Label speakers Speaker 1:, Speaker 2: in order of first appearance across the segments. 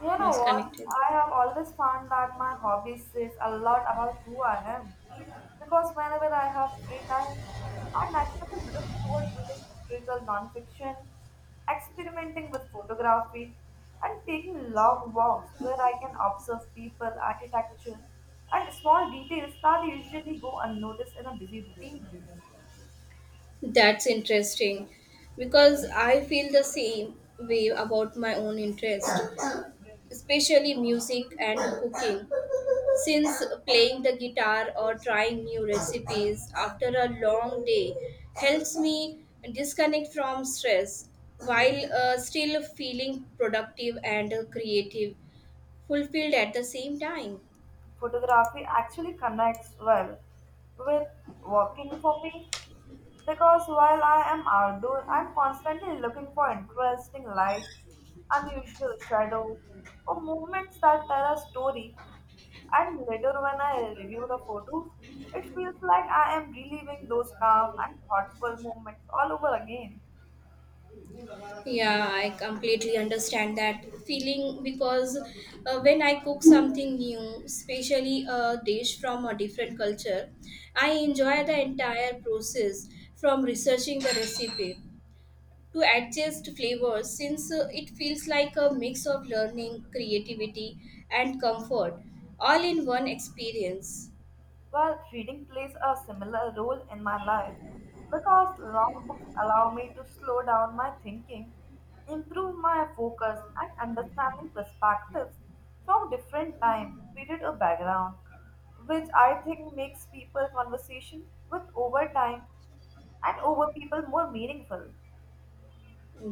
Speaker 1: You
Speaker 2: Yes,
Speaker 1: know what?
Speaker 2: connected.
Speaker 1: I have always found that my hobby says a lot about who I am. Because whenever I have free time, I naturally drift toward reading historical nonfiction, experimenting with photography, and taking long walks where I can observe people, architecture, and small details that usually go unnoticed in a busy routine.
Speaker 2: That's interesting because I feel the same way about my own interest, especially music and cooking. Since playing the guitar or trying new recipes after a long day helps me disconnect from stress while still feeling productive and creative, fulfilled at the same time.
Speaker 1: Photography actually connects well with walking for me because while I am outdoor, I'm constantly looking for interesting lights, unusual shadows, or movements that tell a story. And later, when I review the photos, it feels like I am reliving those calm and thoughtful moments all over again.
Speaker 2: Yeah, I completely understand that feeling because when I cook something new, especially a dish from a different culture, I enjoy the entire process from researching the recipe to adjust flavors since it feels like a mix of learning, creativity, and comfort all in one experience.
Speaker 1: Well, reading plays a similar role in my life because long books allow me to slow down my thinking, improve my focus, and understanding perspectives from different time, period, or background, which I think makes people conversation with over time and over people more meaningful.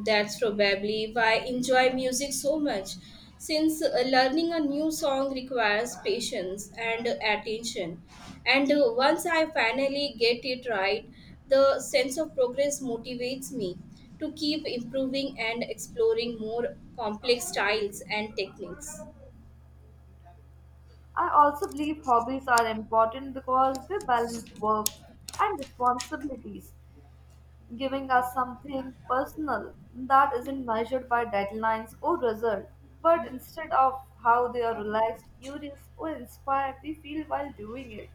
Speaker 2: That's probably why I enjoy music so much, since learning a new song requires patience and attention. And once I finally get it right, the sense of progress motivates me to keep improving and exploring more complex styles and techniques.
Speaker 1: I also believe hobbies are important because they balance work and responsibilities giving us something personal that isn't measured by deadlines or result, but instead of how they are relaxed, curious, or inspired we feel while doing it.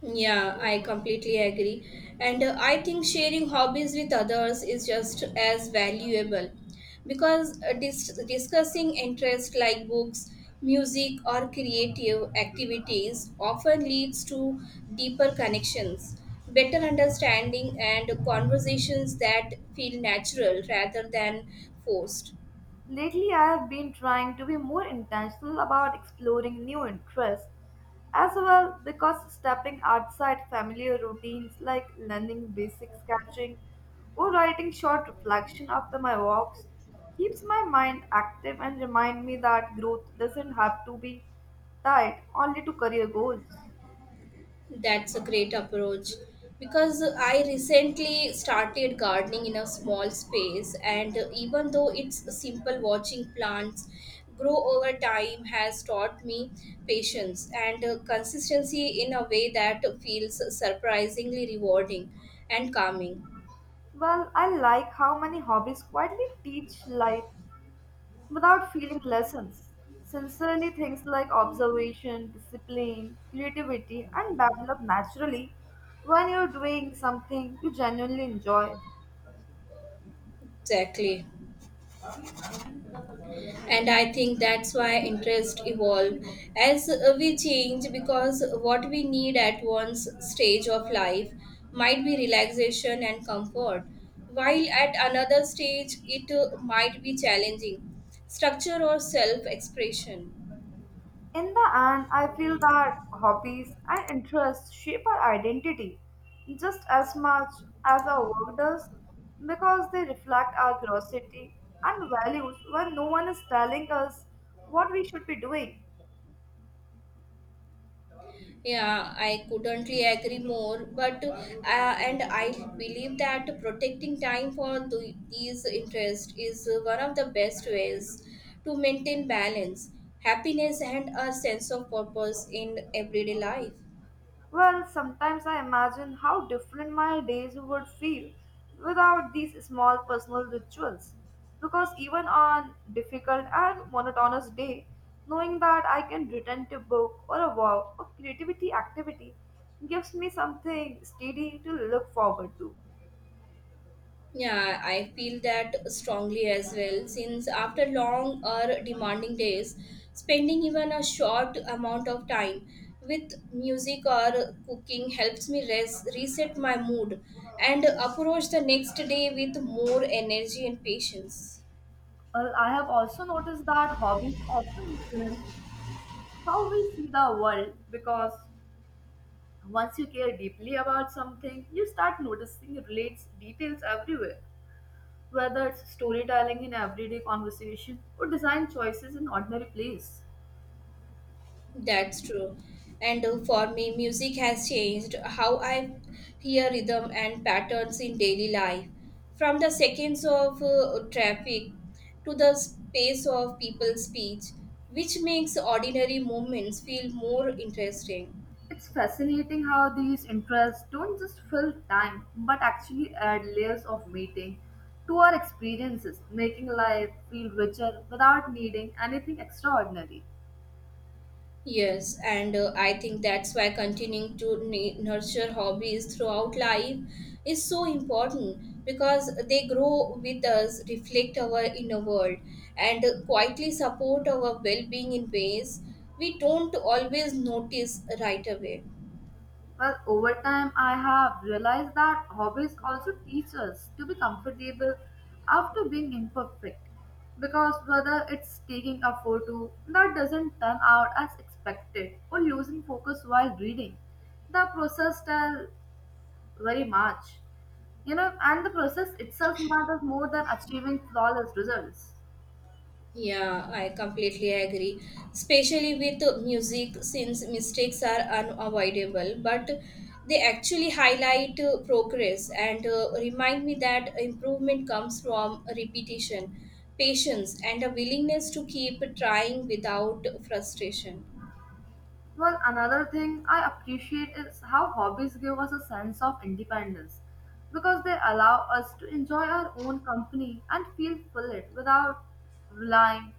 Speaker 2: Yeah, I completely agree. And I think sharing hobbies with others is just as valuable because discussing interests like books, music, or creative activities often leads to deeper connections, better understanding, and conversations that feel natural rather than forced.
Speaker 1: Lately, I have been trying to be more intentional about exploring new interests as well because stepping outside familiar routines like learning basic sketching or writing short reflection after my walks keeps my mind active and remind me that growth doesn't have to be tied only to career goals.
Speaker 2: That's a great approach because I recently started gardening in a small space, and even though it's simple, watching plants grow over time has taught me patience and consistency in a way that feels surprisingly rewarding and calming.
Speaker 1: Well, I like how many hobbies quietly teach life without feeling lessons. Sincerely, things like observation, discipline, creativity, and develop naturally when you're doing something you genuinely enjoy.
Speaker 2: Exactly. And I think that's why interest evolve as we change, because what we need at one's stage of life might be relaxation and comfort, while at another stage it might be challenging structure or self expression.
Speaker 1: In the end, I feel that hobbies and interests shape our identity just as much as our work does because they reflect our curiosity and values when no one is telling us what we should be doing.
Speaker 2: Yeah, I couldn't really agree more. But and I believe that protecting time for these interests is one of the best ways to maintain balance, happiness, and a sense of purpose in everyday life.
Speaker 1: Well, sometimes I imagine how different my days would feel without these small personal rituals. Because even on difficult and monotonous day, knowing that I can return to book or a walk or creativity activity gives me something steady to look forward to.
Speaker 2: Yeah, I feel that strongly as well. Since after long or demanding days, spending even a short amount of time with music or cooking helps me rest, reset my mood, and approach the next day with more energy and patience.
Speaker 1: Well, I have also noticed that hobbies often influence how we see the world because once you care deeply about something, you start noticing relates details everywhere, whether it's storytelling in everyday conversation or design choices in ordinary plays.
Speaker 2: That's true. And for me, music has changed how I hear rhythm and patterns in daily life. From the seconds of traffic to the space of people's speech, which makes ordinary moments feel more interesting.
Speaker 1: It's fascinating how these interests don't just fill time but actually add layers of meaning to our experiences, making life feel richer without needing anything extraordinary.
Speaker 2: Yes, and I think that's why continuing to nurture hobbies throughout life is so important, because they grow with us, reflect our inner world, and quietly support our well being in ways we don't always notice right away.
Speaker 1: Well, over time, I have realized that hobbies also teach us to be comfortable after being imperfect. Because whether it's taking a photo that doesn't turn out as expected or losing focus while reading, the process tells very much. You know, and the process itself matters more than achieving flawless results.
Speaker 2: Yeah, I completely agree. Especially with music, since mistakes are unavoidable, but they actually highlight progress and remind me that improvement comes from repetition, patience, and a willingness to keep trying without frustration.
Speaker 1: Well, another thing I appreciate is how hobbies give us a sense of independence because they allow us to enjoy our own company and feel fulfilled without relying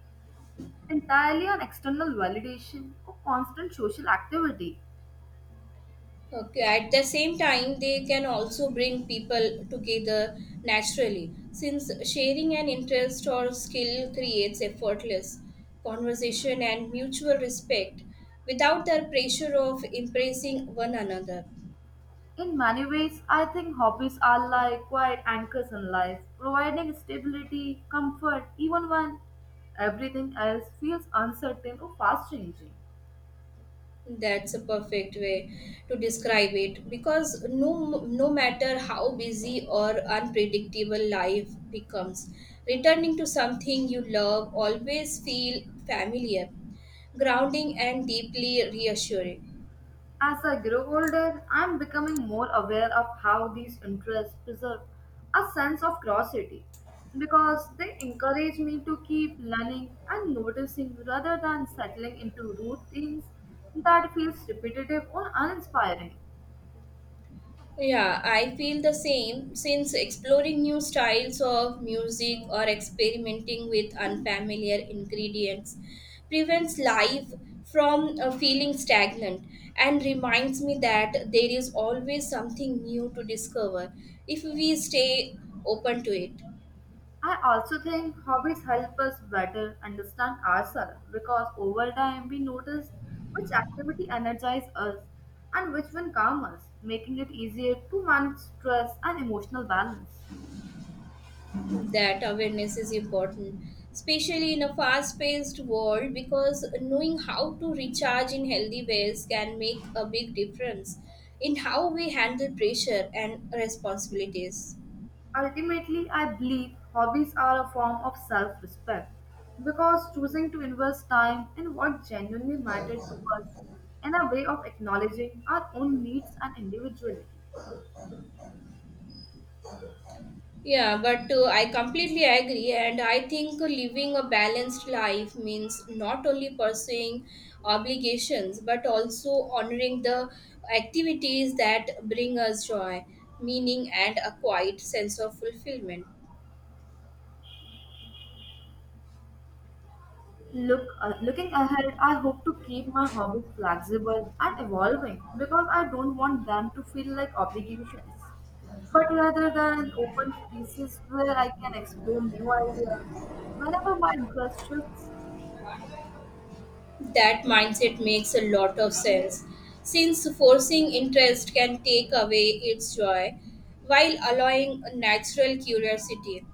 Speaker 1: entirely on external validation or constant social activity.
Speaker 2: Okay, at the same time, they can also bring people together naturally, since sharing an interest or skill creates effortless conversation and mutual respect without the pressure of impressing one another.
Speaker 1: In many ways, I think hobbies are like quiet anchors in life, providing stability, comfort, even when everything else feels uncertain or fast changing.
Speaker 2: That's a perfect way to describe it because no matter how busy or unpredictable life becomes, returning to something you love always feel familiar, grounding, and deeply reassuring.
Speaker 1: As I grow older, I am becoming more aware of how these interests preserve a sense of curiosity because they encourage me to keep learning and noticing rather than settling into routines that feels repetitive or uninspiring.
Speaker 2: Yeah, I feel the same, since exploring new styles of music or experimenting with unfamiliar ingredients prevents life from feeling stagnant and reminds me that there is always something new to discover if we stay open to it.
Speaker 1: I also think hobbies help us better understand ourselves because over time we notice which activity energizes us and which one calms us, making it easier to manage stress and emotional balance.
Speaker 2: That awareness is important, especially in a fast paced world, because knowing how to recharge in healthy ways can make a big difference in how we handle pressure and responsibilities.
Speaker 1: Ultimately, I believe hobbies are a form of self respect because choosing to invest time in what genuinely mattered to us and a way of acknowledging our own needs and individuality.
Speaker 2: Yeah, but I completely agree, and I think living a balanced life means not only pursuing obligations but also honoring the activities that bring us joy, meaning, and a quiet sense of fulfillment.
Speaker 1: Looking ahead, I hope to keep my hobbies flexible and evolving because I don't want them to feel like obligations, but rather than open spaces where I can explore new ideas whenever my interest shifts.
Speaker 2: That mindset makes a lot of sense, since forcing interest can take away its joy, while allowing a natural curiosity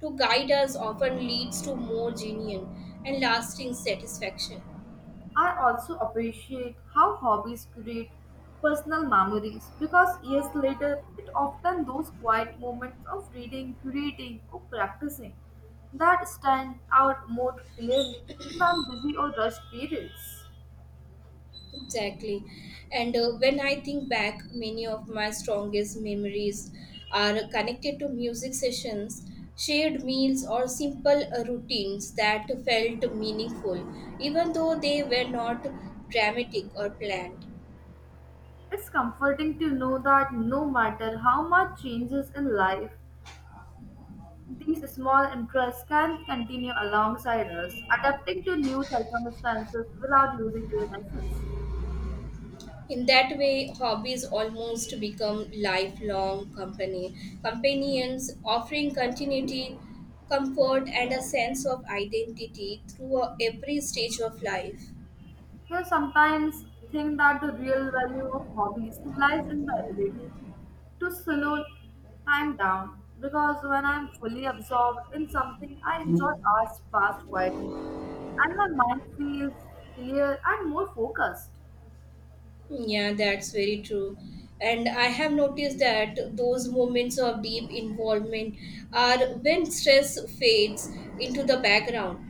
Speaker 2: to guide us often leads to more genuine and lasting satisfaction.
Speaker 1: I also appreciate how hobbies create personal memories because years later, it often those quiet moments of reading, curating, or practicing that stand out more clearly than busy or rushed periods.
Speaker 2: Exactly. And when I think back, many of my strongest memories are connected to music sessions, shared meals, or simple routines that felt meaningful, even though they were not dramatic or planned.
Speaker 1: It's comforting to know that no matter how much changes in life, these small interests can continue alongside us, adapting to new circumstances without losing their essence.
Speaker 2: In that way, hobbies almost become lifelong company companions, offering continuity, comfort, and a sense of identity through every stage of life.
Speaker 1: Here sometimes think that the real value of hobbies lies in the ability to slow time down because when I'm fully absorbed in something I enjoy hours pass quietly and my mind feels clear and more focused.
Speaker 2: Yeah, that's very true. And I have noticed that those moments of deep involvement are when stress fades into the background,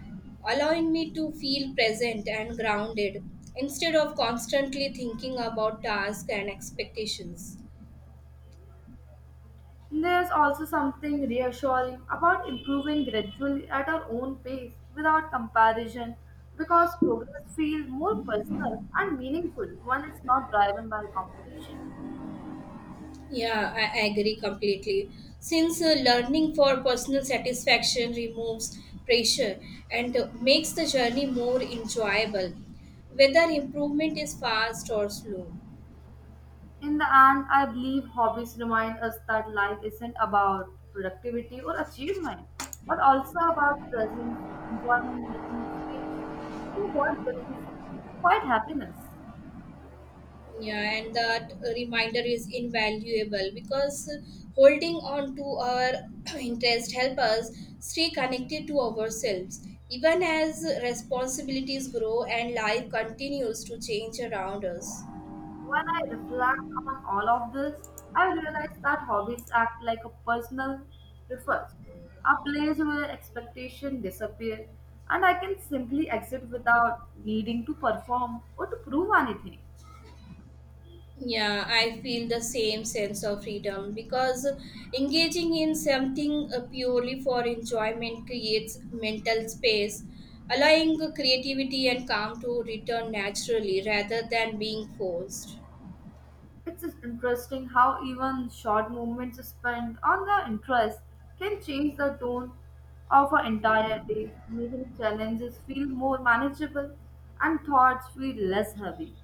Speaker 2: allowing me to feel present and grounded instead of constantly thinking about tasks and expectations.
Speaker 1: There's also something reassuring about improving gradually at our own pace without comparison because progress feels more personal and meaningful when it's not driven by competition.
Speaker 2: Yeah, I agree completely. Since learning for personal satisfaction removes pressure and makes the journey more enjoyable, whether improvement is fast or slow.
Speaker 1: In the end, I believe hobbies remind us that life isn't about productivity or achievement, but also about presence, enjoyment, making mistakes, so what brings quite happiness.
Speaker 2: Yeah, and that reminder is invaluable, because holding on to our interest help us stay connected to ourselves, even as responsibilities grow and life continues to change around us.
Speaker 1: When I reflect on all of this, I realize that hobbies act like a personal refuge, a place where expectations disappear, and I can simply exit without needing to perform or to prove anything.
Speaker 2: Yeah, I feel the same sense of freedom, because engaging in something purely for enjoyment creates mental space, allowing creativity and calm to return naturally rather than being forced.
Speaker 1: It's just interesting how even short moments spent on the interest can change the tone of an entire day, making challenges feel more manageable and thoughts feel less heavy.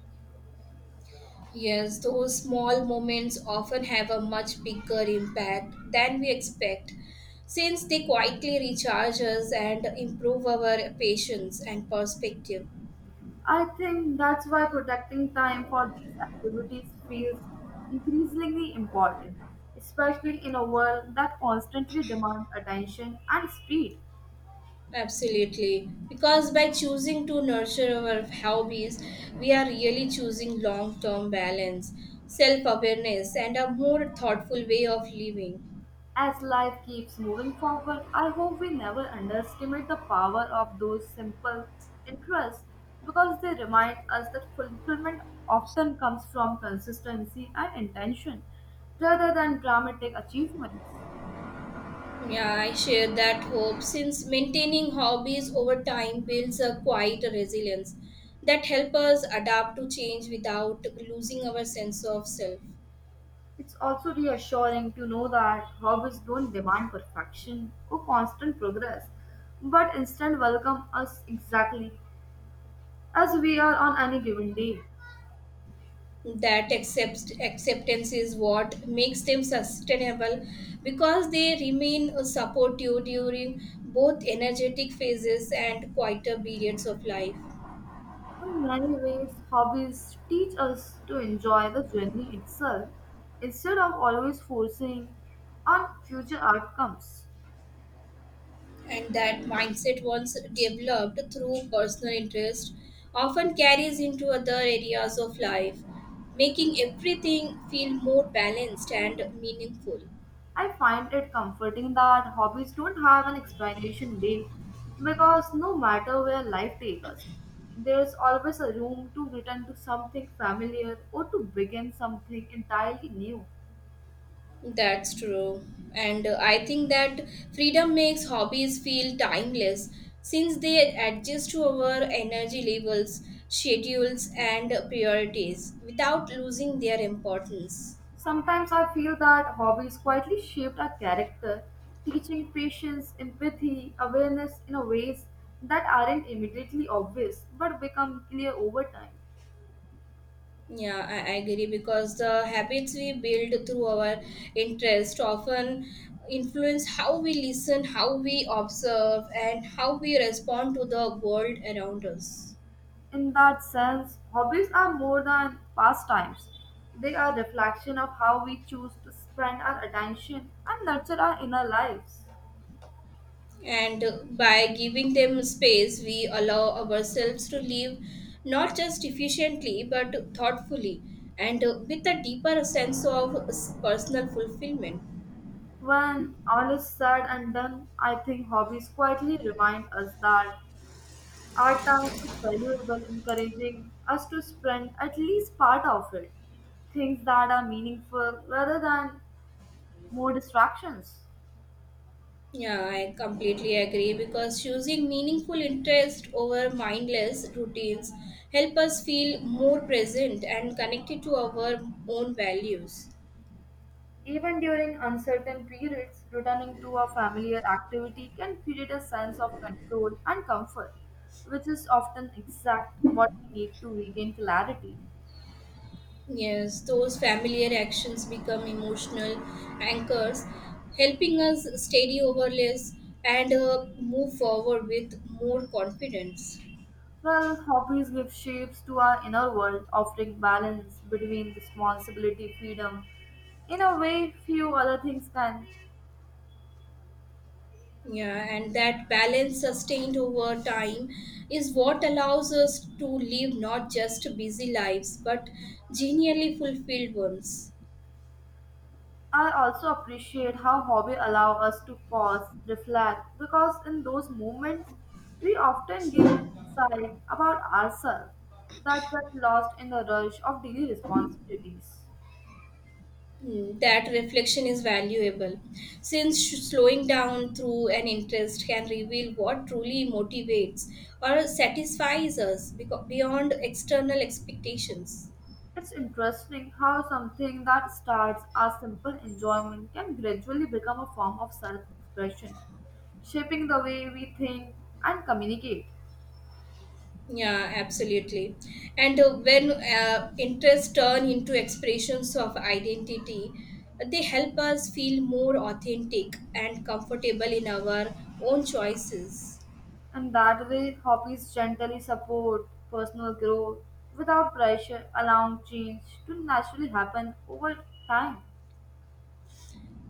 Speaker 2: Yes, those small moments often have a much bigger impact than we expect, since they quietly recharge us and improve our patience and perspective.
Speaker 1: I think that's why protecting time for these activities feels increasingly important, especially in a world that constantly demands attention and speed.
Speaker 2: Absolutely. Because by choosing to nurture our hobbies, we are really choosing long term balance, self awareness, and a more thoughtful way of living.
Speaker 1: As life keeps moving forward, I hope we never underestimate the power of those simple interests because they remind us that fulfillment often comes from consistency and intention rather than dramatic achievements.
Speaker 2: Yeah, I share that hope, since maintaining hobbies over time builds a quiet resilience that help us adapt to change without losing our sense of self.
Speaker 1: It's also reassuring to know that hobbies don't demand perfection or constant progress, but instead welcome us exactly as we are on any given day.
Speaker 2: That acceptance is what makes them sustainable, because they remain a support you during both energetic phases and quieter periods of life.
Speaker 1: In many ways, hobbies teach us to enjoy the journey itself instead of always forcing on future outcomes.
Speaker 2: And that mindset, once developed through personal interest, often carries into other areas of life, making everything feel more balanced and meaningful.
Speaker 1: I find it comforting that hobbies don't have an expiration date because no matter where life takes us, there's always a room to return to something familiar or to begin something entirely new.
Speaker 2: That's true, and I think that freedom makes hobbies feel timeless, since they adjust to our energy levels, schedules, and priorities without losing their importance.
Speaker 1: Sometimes I feel that hobbies quietly shaped our character, teaching patience, empathy, awareness in a ways that aren't immediately obvious but become clear over time.
Speaker 2: Yeah, I agree, because the habits we build through our interest often influence how we listen, how we observe, and how we respond to the world around us.
Speaker 1: In that sense, hobbies are more than pastimes. They are reflection of how we choose to spend our attention and nurture our inner lives.
Speaker 2: And by giving them space, we allow ourselves to live not just efficiently but thoughtfully and with a deeper sense of personal fulfillment.
Speaker 1: When all is said and done, I think hobbies quietly remind us that our time is valuable, encouraging us to spend at least part of it. Things that are meaningful rather than more distractions.
Speaker 2: Yeah, I completely agree, because choosing meaningful interest over mindless routines help us feel more present and connected to our own values.
Speaker 1: Even during uncertain periods, returning to a familiar activity can create a sense of control and comfort, which is often exact what we need to regain clarity.
Speaker 2: Yes, those familiar actions become emotional anchors, helping us steady over less and move forward with more confidence.
Speaker 1: Well, hobbies give shapes to our inner world, offering balance between responsibility, freedom, in a way few other things can.
Speaker 2: Yeah, and that balance sustained over time is what allows us to live not just busy lives but genially fulfilled ones.
Speaker 1: I also appreciate how hobby allow us to pause, reflect, because in those moments we often gain insight about ourselves that get lost in the rush of daily responsibilities.
Speaker 2: Mm, that reflection is valuable, since slowing down through an interest can reveal what truly motivates or satisfies us beyond external expectations.
Speaker 1: It's interesting how something that starts as simple enjoyment can gradually become a form of self-expression, shaping the way we think and communicate.
Speaker 2: Yeah, absolutely. And when interests turn into expressions of identity, they help us feel more authentic and comfortable in our own choices.
Speaker 1: And that way, hobbies gently support personal growth without pressure, allowing change to naturally happen over time.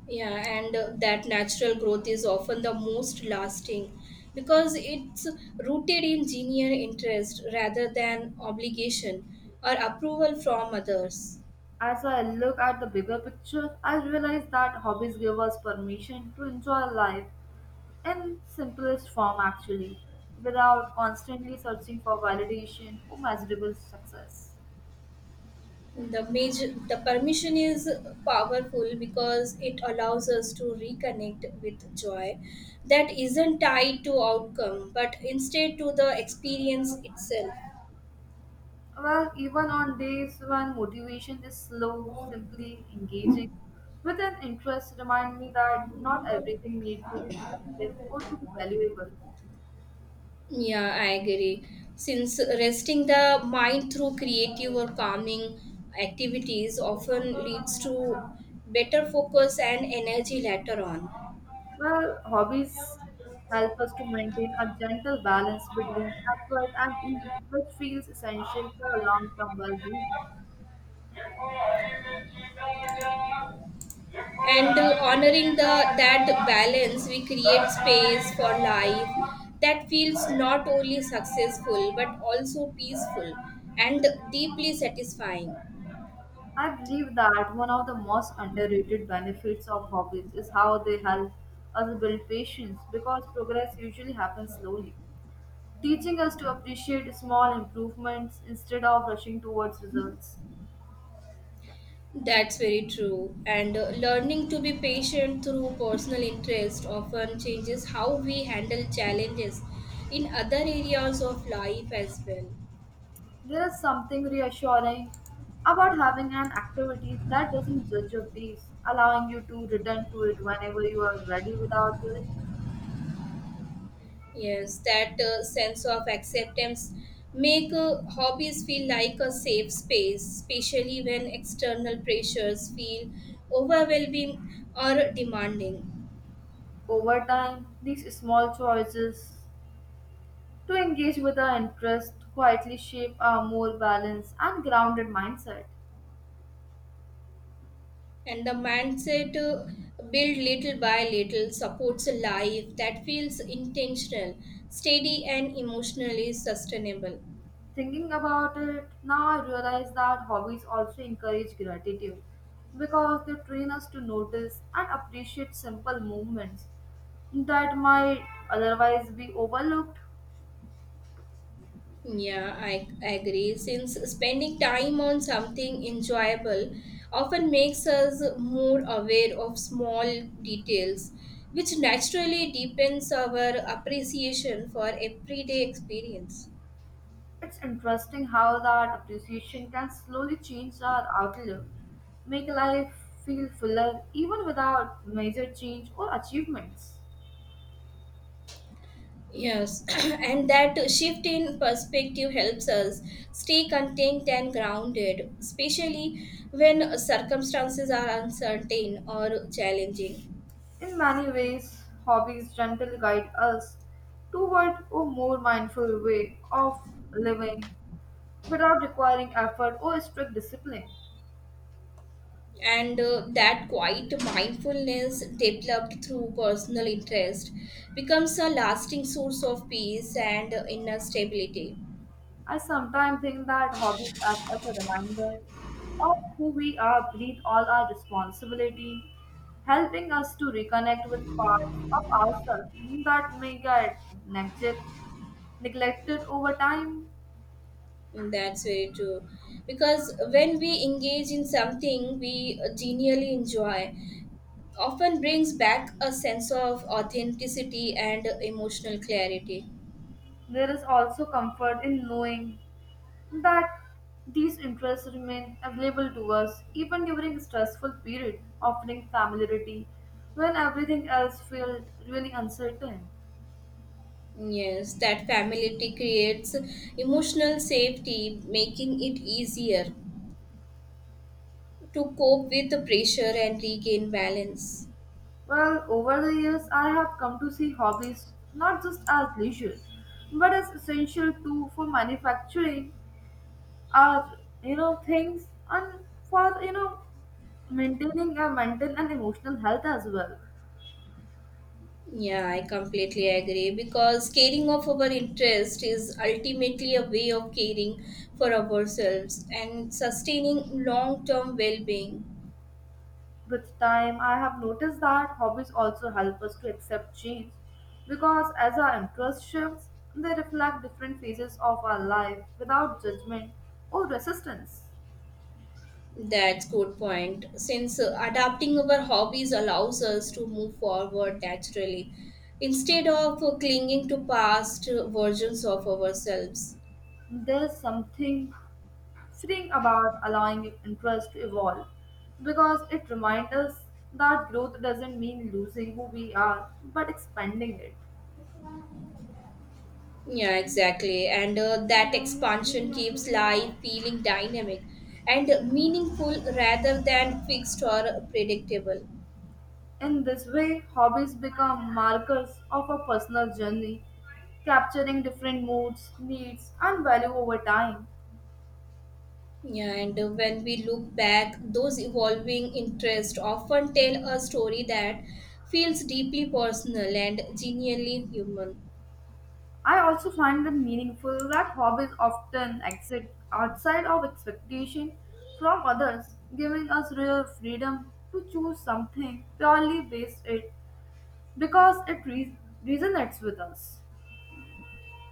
Speaker 2: Yeah, and that natural growth is often the most lasting, because it's rooted in genuine interest rather than obligation or approval from others.
Speaker 1: As I look at the bigger picture, I realize that hobbies give us permission to enjoy life in simplest form actually, without constantly searching for validation or measurable success.
Speaker 2: The permission is powerful, because it allows us to reconnect with joy that isn't tied to outcome but instead to the experience itself.
Speaker 1: Well, even on days when motivation is slow, simply engaging with an interest remind me that not everything needs to be productive or to be valuable.
Speaker 2: Yeah, I agree, since resting the mind through creative or calming activities often leads to better focus and energy later on.
Speaker 1: Well, hobbies help us to maintain a gentle balance between effort and ease, which feels essential for a long-term well-being.
Speaker 2: And honoring the that balance, we create space for life that feels not only successful but also peaceful and deeply satisfying.
Speaker 1: I believe that one of the most underrated benefits of hobbies is how they help us build patience because progress usually happens slowly, teaching us to appreciate small improvements instead of rushing towards results.
Speaker 2: That's very true, and learning to be patient through personal interest often changes how we handle challenges in other areas of life as well.
Speaker 1: There is something reassuring about having an activity that doesn't judge your pace, allowing you to return to it whenever you are ready without guilt.
Speaker 2: Yes, that sense of acceptance make hobbies feel like a safe space, especially when external pressures feel overwhelming or demanding.
Speaker 1: Over time, these small choices to engage with our interest quietly shape a more balanced and grounded mindset.
Speaker 2: And the mindset, built little by little, supports a life that feels intentional, steady, and emotionally sustainable.
Speaker 1: Thinking about it, now I realize that hobbies also encourage gratitude because they train us to notice and appreciate simple movements that might otherwise be overlooked.
Speaker 2: Yeah, I agree. Since spending time on something enjoyable often makes us more aware of small details, which naturally deepens our appreciation for everyday experience.
Speaker 1: It's interesting how that appreciation can slowly change our outlook, make life feel fuller even without major change or achievements.
Speaker 2: Yes, and that shift in perspective helps us stay content and grounded, especially when circumstances are uncertain or challenging.
Speaker 1: In many ways, hobbies gently guide us toward a more mindful way of living without requiring effort or strict discipline.
Speaker 2: And that quiet mindfulness developed through personal interest becomes a lasting source of peace and inner stability.
Speaker 1: I sometimes think that hobbies act as a reminder of who we are breathe all our responsibility, helping us to reconnect with parts of ourselves that may get neglected over time.
Speaker 2: Mm, that's very true, because when we engage in something we genuinely enjoy, often brings back a sense of authenticity and emotional clarity.
Speaker 1: There is also comfort in knowing that these interests remain available to us even during stressful period, offering familiarity when everything else felt really uncertain.
Speaker 2: Mm, yes, that familiarity creates emotional safety, making it easier to cope with the pressure and regain balance.
Speaker 1: Well, over the years, I have come to see hobbies not just as leisure, but as essential too for manufacturing our things and for maintaining our mental and emotional health as well.
Speaker 2: Yeah, I completely agree, because caring of our interest is ultimately a way of caring for ourselves and sustaining long term well being.
Speaker 1: With time, I have noticed that hobbies also help us to accept change because as our interest shifts, they reflect different phases of our life without judgment or resistance.
Speaker 2: That's good point. Since adapting our hobbies allows us to move forward naturally instead of clinging to past versions of ourselves.
Speaker 1: There's something freeing about allowing interest to evolve because it reminds us that growth doesn't mean losing who we are but expanding it.
Speaker 2: Yeah, exactly. And that expansion keeps life feeling dynamic and meaningful rather than fixed or predictable.
Speaker 1: In this way, hobbies become markers of our personal journey, capturing different moods, needs, and value over time.
Speaker 2: Yeah, and when we look back, those evolving interests often tell a story that feels deeply personal and genuinely human.
Speaker 1: I also find it meaningful that hobbies often exist outside of expectation from others, giving us real freedom to choose something purely based it because resonates with us.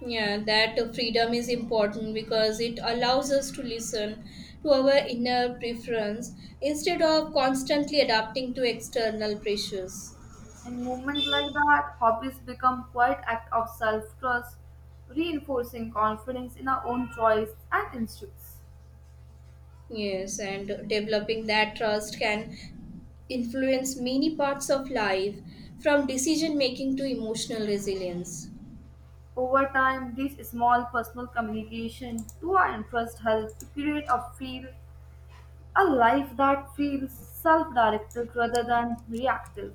Speaker 2: Yeah, that freedom is important, because it allows us to listen to our inner preference instead of constantly adapting to external pressures.
Speaker 1: In moments like that, hobbies become quite act of self-trust, reinforcing confidence in our own choice and instincts.
Speaker 2: Yes, and developing that trust can influence many parts of life, from decision making to emotional resilience.
Speaker 1: Over time, these small personal communication to our interest help to create a feel a life that feels self-directed rather than reactive.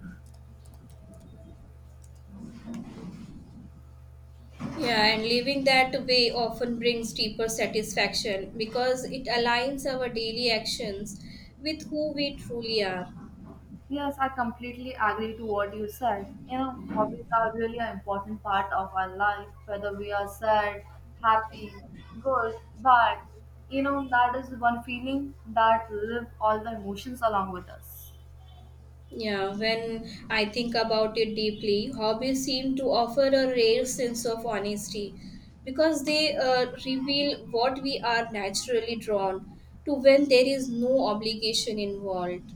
Speaker 2: Yeah, and living that way often brings deeper satisfaction, because it aligns our daily actions with who we truly are.
Speaker 1: Yes, I completely agree to what you said. You know, hobbies are really an important part of our life, whether we are sad, happy, good, bad. You know, that is one feeling that live all the emotions along with us.
Speaker 2: Yeah, when I think about it deeply, hobbies seem to offer a rare sense of honesty, because they reveal what we are naturally drawn to when there is no obligation involved.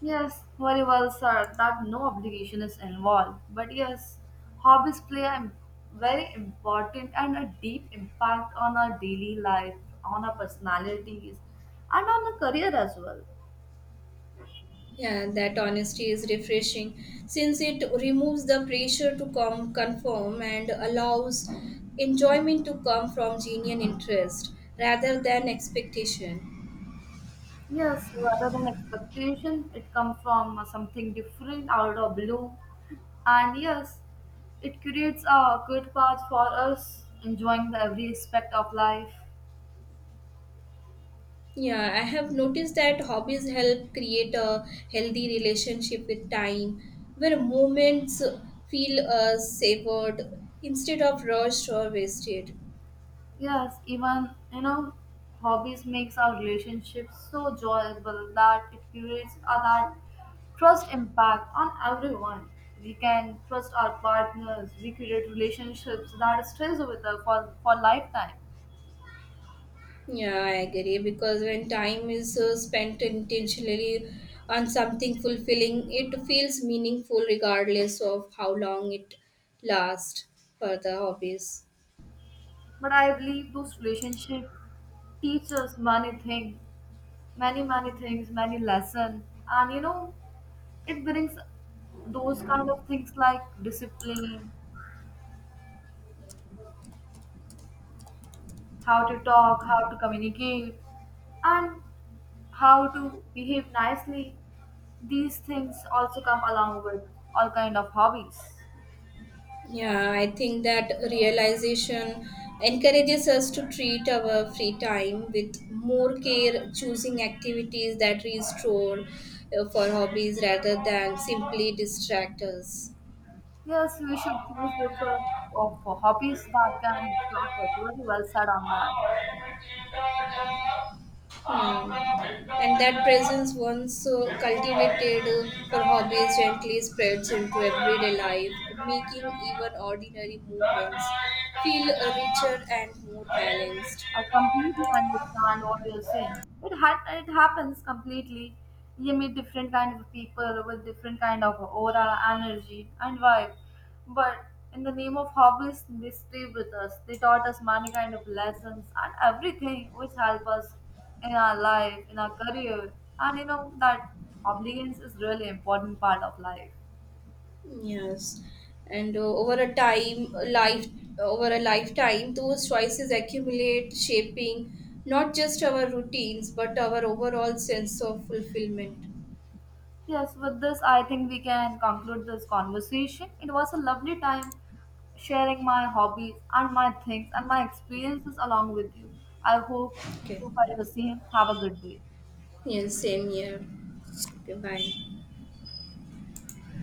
Speaker 1: Yes, very well, sir. That no obligation is involved. But yes, hobbies play a very important and a deep impact on our daily life, on our personalities, and on the career as well.
Speaker 2: Yeah, that honesty is refreshing, since it removes the pressure to conform and allows enjoyment to come from genuine interest rather than expectation.
Speaker 1: Yes, rather than expectation, it comes from something different out of blue. And yes, it creates a good path for us, enjoying the every aspect of life.
Speaker 2: Yeah, I have noticed that hobbies help create a healthy relationship with time, where moments feel savored instead of rushed or wasted.
Speaker 1: Yes, even hobbies makes our relationships so joyful that it creates a that trust impact on everyone. We can trust our partners. We create relationships that stays with us for lifetime.
Speaker 2: Yeah, I agree, because when time is spent intentionally on something fulfilling, it feels meaningful regardless of how long it lasts for the hobbies.
Speaker 1: But I believe those relationships teach us many things, many lessons. And you know, it brings those kind of things like discipline, how to talk, how to communicate, and how to behave nicely. These things also come along with all kind of hobbies.
Speaker 2: Yeah, I think that realization encourages us to treat our free time with more care, choosing activities that restore for hobbies rather than simply distract us.
Speaker 1: Yes, we should choose those sort of hobbies that can help us. Very well said on that.
Speaker 2: Hmm. And that presence, once cultivated for hobbies, gently spreads into everyday life, making even ordinary movements feel richer and more balanced.
Speaker 1: I completely understand what you're saying. It happens completely. You meet different kind of people with different kind of aura, energy, and vibe. But in the name of hobbies, they stay with us. They taught us many kind of lessons and everything which help us in our life, in our career, and you know that obedience is really important part of life.
Speaker 2: Yes, and over a lifetime, those choices accumulate, shaping not just our routines but our overall sense of fulfillment.
Speaker 1: Yes, with this, I think we can conclude this conversation. It was a lovely time sharing my hobbies and my things and my experiences along with you. I hope
Speaker 2: Okay.
Speaker 1: you find the same. Have a good day.
Speaker 2: Yes, same here. 拜拜。